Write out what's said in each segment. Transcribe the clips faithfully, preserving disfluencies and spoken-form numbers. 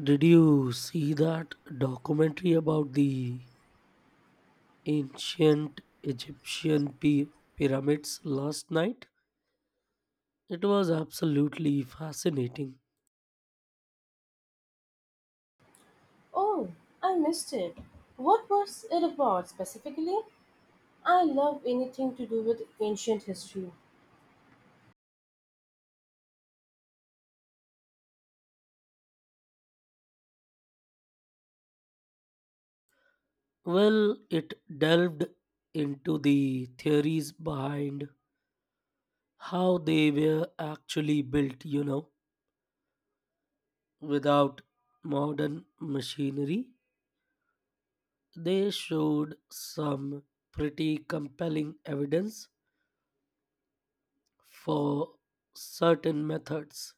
Did you see that documentary about the ancient Egyptian pi- pyramids last night? It was absolutely fascinating. Oh, I missed it. What was it about specifically? I love anything to do with ancient history. Well, it delved into the theories behind how they were actually built, you know, without modern machinery. They showed some pretty compelling evidence for certain methods.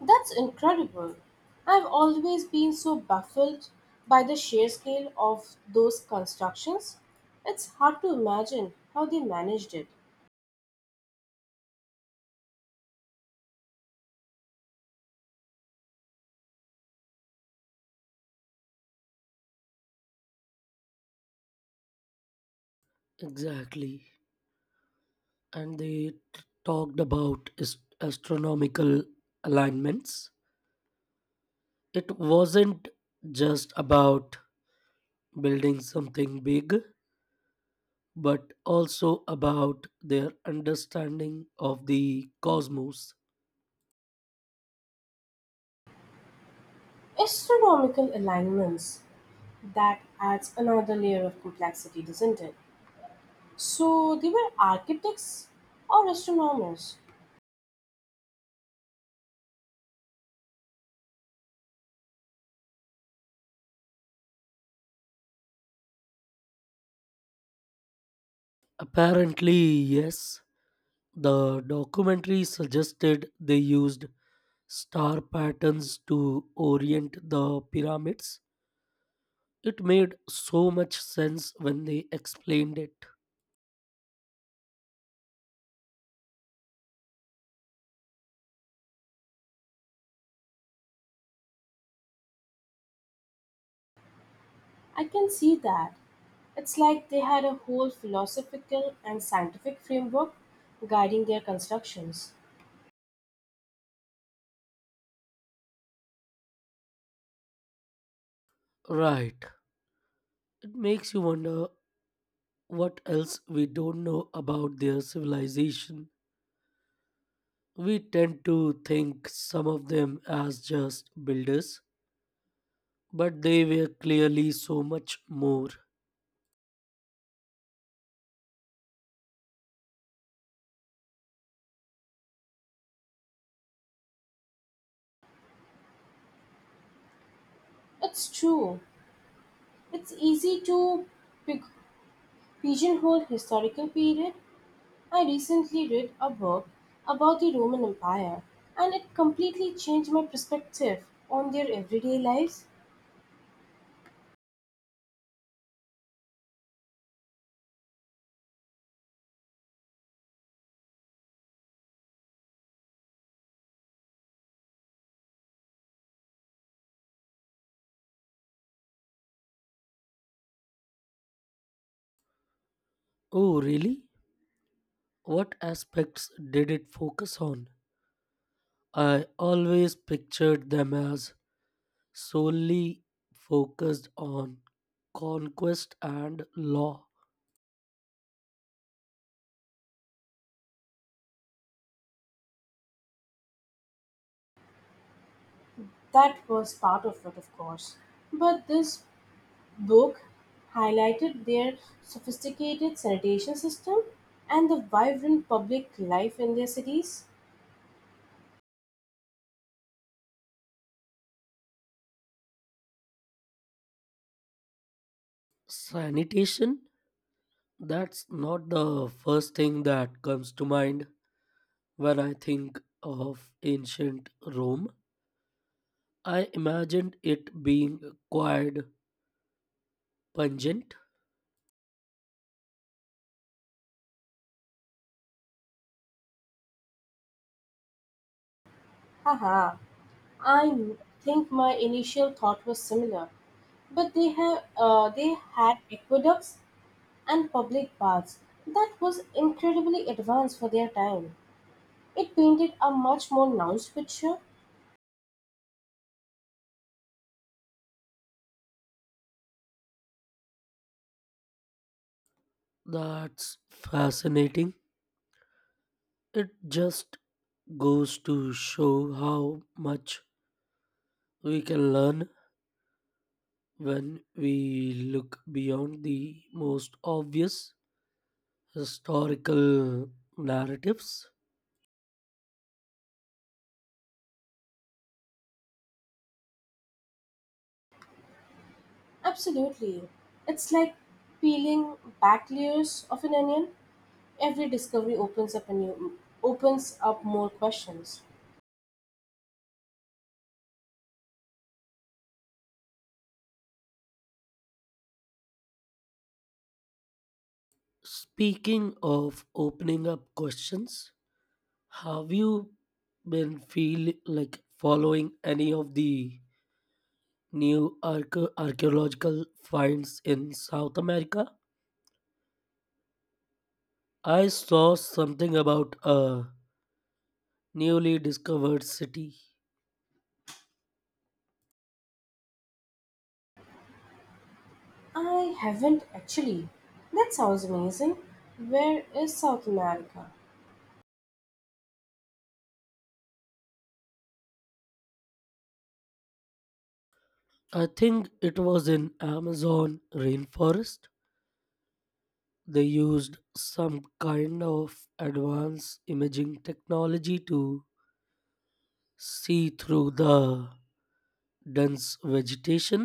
That's incredible. I've always been so baffled by the sheer scale of those constructions. It's hard to imagine how they managed it. Exactly. And they t- talked about is- astronomical alignments. It wasn't just about building something big, but also about their understanding of the cosmos. Astronomical alignments. That adds another layer of complexity, doesn't it? So, they were architects or astronomers. Apparently, yes, the documentary suggested they used star patterns to orient the pyramids. It made so much sense when they explained it. I can see that. It's like they had a whole philosophical and scientific framework guiding their constructions. Right. It makes you wonder what else we don't know about their civilization. We tend to think some of them as just builders, but they were clearly so much more. It's true. It's easy to pig- pigeonhole historical period. I recently read a book about the Roman Empire and it completely changed my perspective on their everyday lives. Oh, really? What aspects did it focus on? I always pictured them as solely focused on conquest and law. That was part of it, of course. But this book highlighted their sophisticated sanitation system and the vibrant public life in their cities. Sanitation? That's not the first thing that comes to mind. When I think of ancient Rome, I imagined it being quite pungent. Haha, I think my initial thought was similar, but they have uh, they had aqueducts and public baths that was incredibly advanced for their time. It painted a much more nuanced picture. That's fascinating. It just goes to show how much we can learn when we look beyond the most obvious historical narratives. Absolutely, it's like peeling back layers of an onion. Every discovery opens up a new opens up more questions. Speaking of opening up questions, have you been feel like following any of the New arche- archaeological finds in South America. I saw something about a newly discovered city. I haven't actually. That sounds amazing. Where is South America? I think it was in Amazon rainforest. They used some kind of advanced imaging technology to see through the dense vegetation.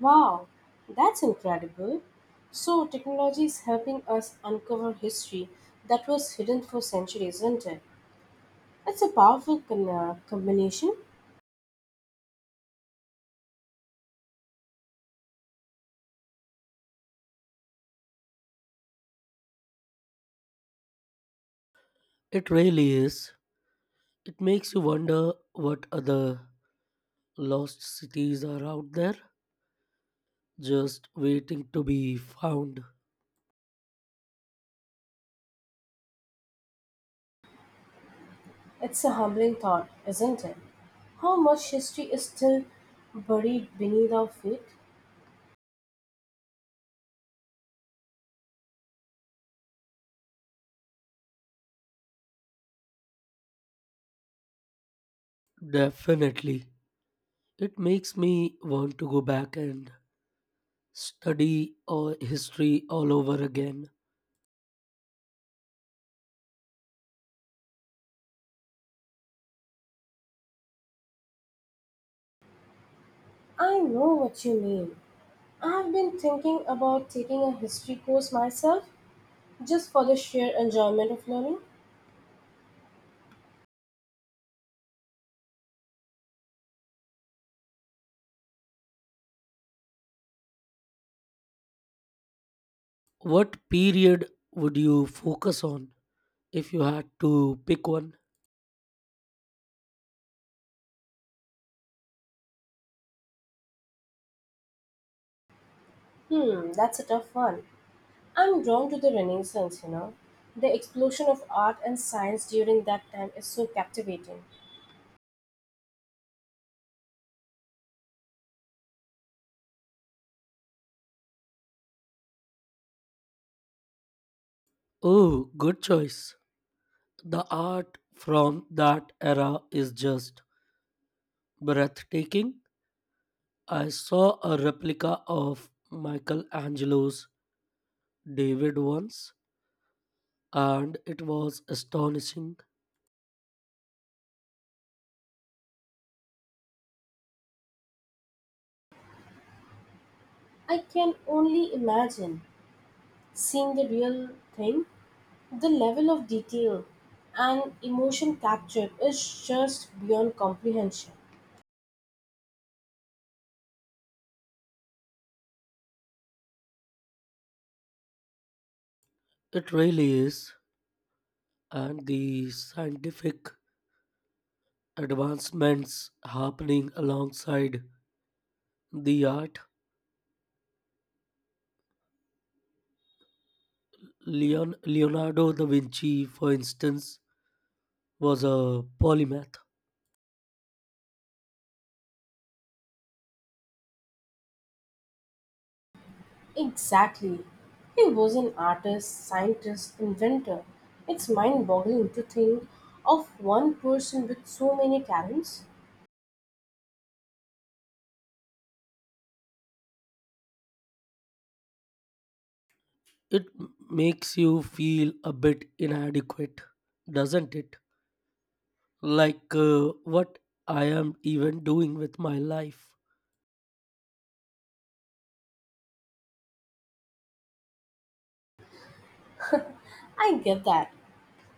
Wow, that's incredible. So technology is helping us uncover history that was hidden for centuries, isn't it? It's a powerful con- uh, combination. It really is. It makes you wonder what other lost cities are out there, just waiting to be found. It's a humbling thought, isn't it? How much history is still buried beneath our feet? Definitely. It makes me want to go back and study uh, history all over again. I know what you mean. I've been thinking about taking a history course myself just for the sheer enjoyment of learning. What period would you focus on if you had to pick one? Hmm, that's a tough one. I'm drawn to the Renaissance, you know. The explosion of art and science during that time is so captivating. Oh, good choice. The art from that era is just breathtaking. I saw a replica of Michelangelo's David once, and it was astonishing. I can only imagine seeing the real thing. The level of detail and emotion captured is just beyond comprehension. It really is. And the scientific advancements happening alongside the art. Leon, Leonardo da Vinci, for instance, was a polymath. Exactly. He was an artist, scientist, inventor. It's mind boggling to think of one person with so many talents. It m- makes you feel a bit inadequate, doesn't it? Like uh, what I am even doing with my life. I get that.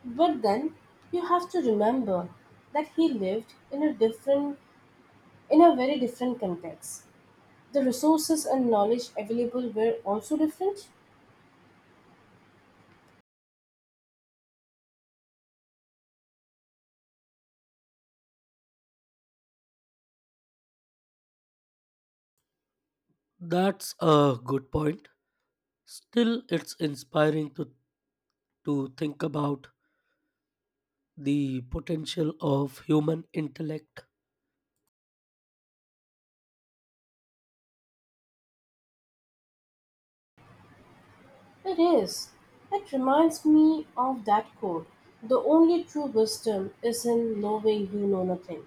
But then you have to remember that he lived in a different in a very different context. The resources and knowledge available were also different. That's a good point. Still, it's inspiring to, to think about the potential of human intellect. It is. It reminds me of that quote. The only true wisdom is in knowing you know nothing.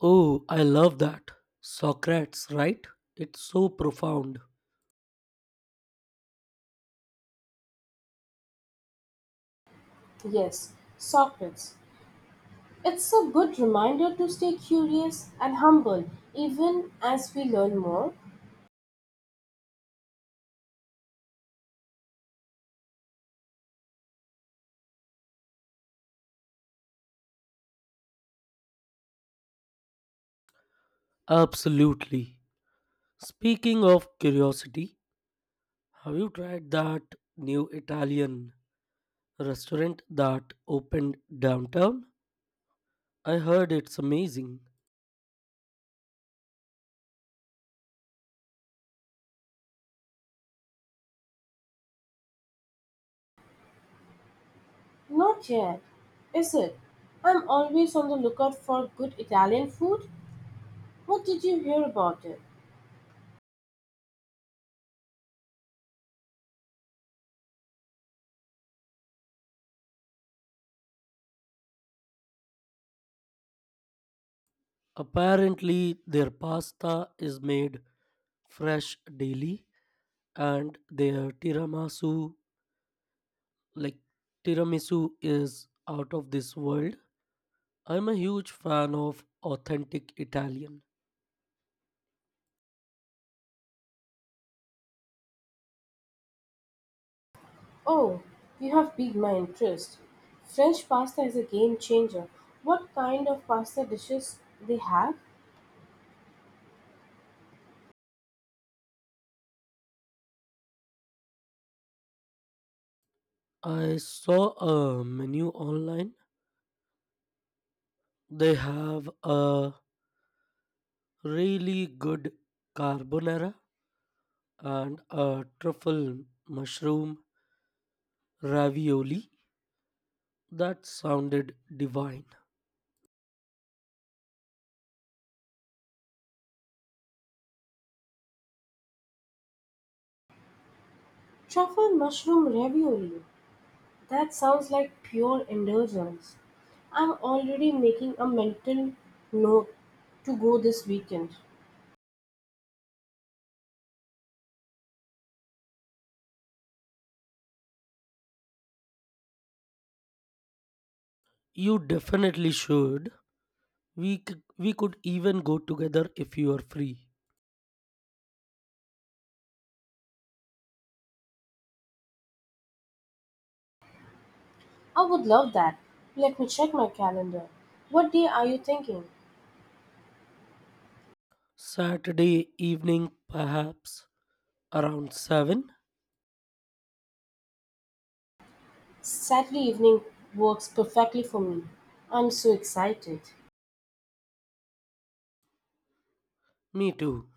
Oh, I love that. Socrates, right? It's so profound. Yes, Socrates. It's a good reminder to stay curious and humble even as we learn more. Absolutely. Speaking of curiosity, have you tried that new Italian restaurant that opened downtown? I heard it's amazing. Not yet, is it? I'm always on the lookout for good Italian food. What did you hear about it? Apparently, their pasta is made fresh daily and their tiramisu like tiramisu is out of this world. I'm a huge fan of authentic Italian. Oh, you have piqued my interest. French pasta is a game changer. What kind of pasta dishes they have? I saw a menu online. They have a really good carbonara and a truffle mushroom ravioli. That sounded divine. Truffle mushroom ravioli. That sounds like pure indulgence. I'm already making a mental note to go this weekend. You definitely should. We c- we could even go together if you are free. I would love that. Let me check my calendar. What day are you thinking? Saturday evening perhaps around seven. Saturday evening works perfectly for me. I'm so excited. Me too.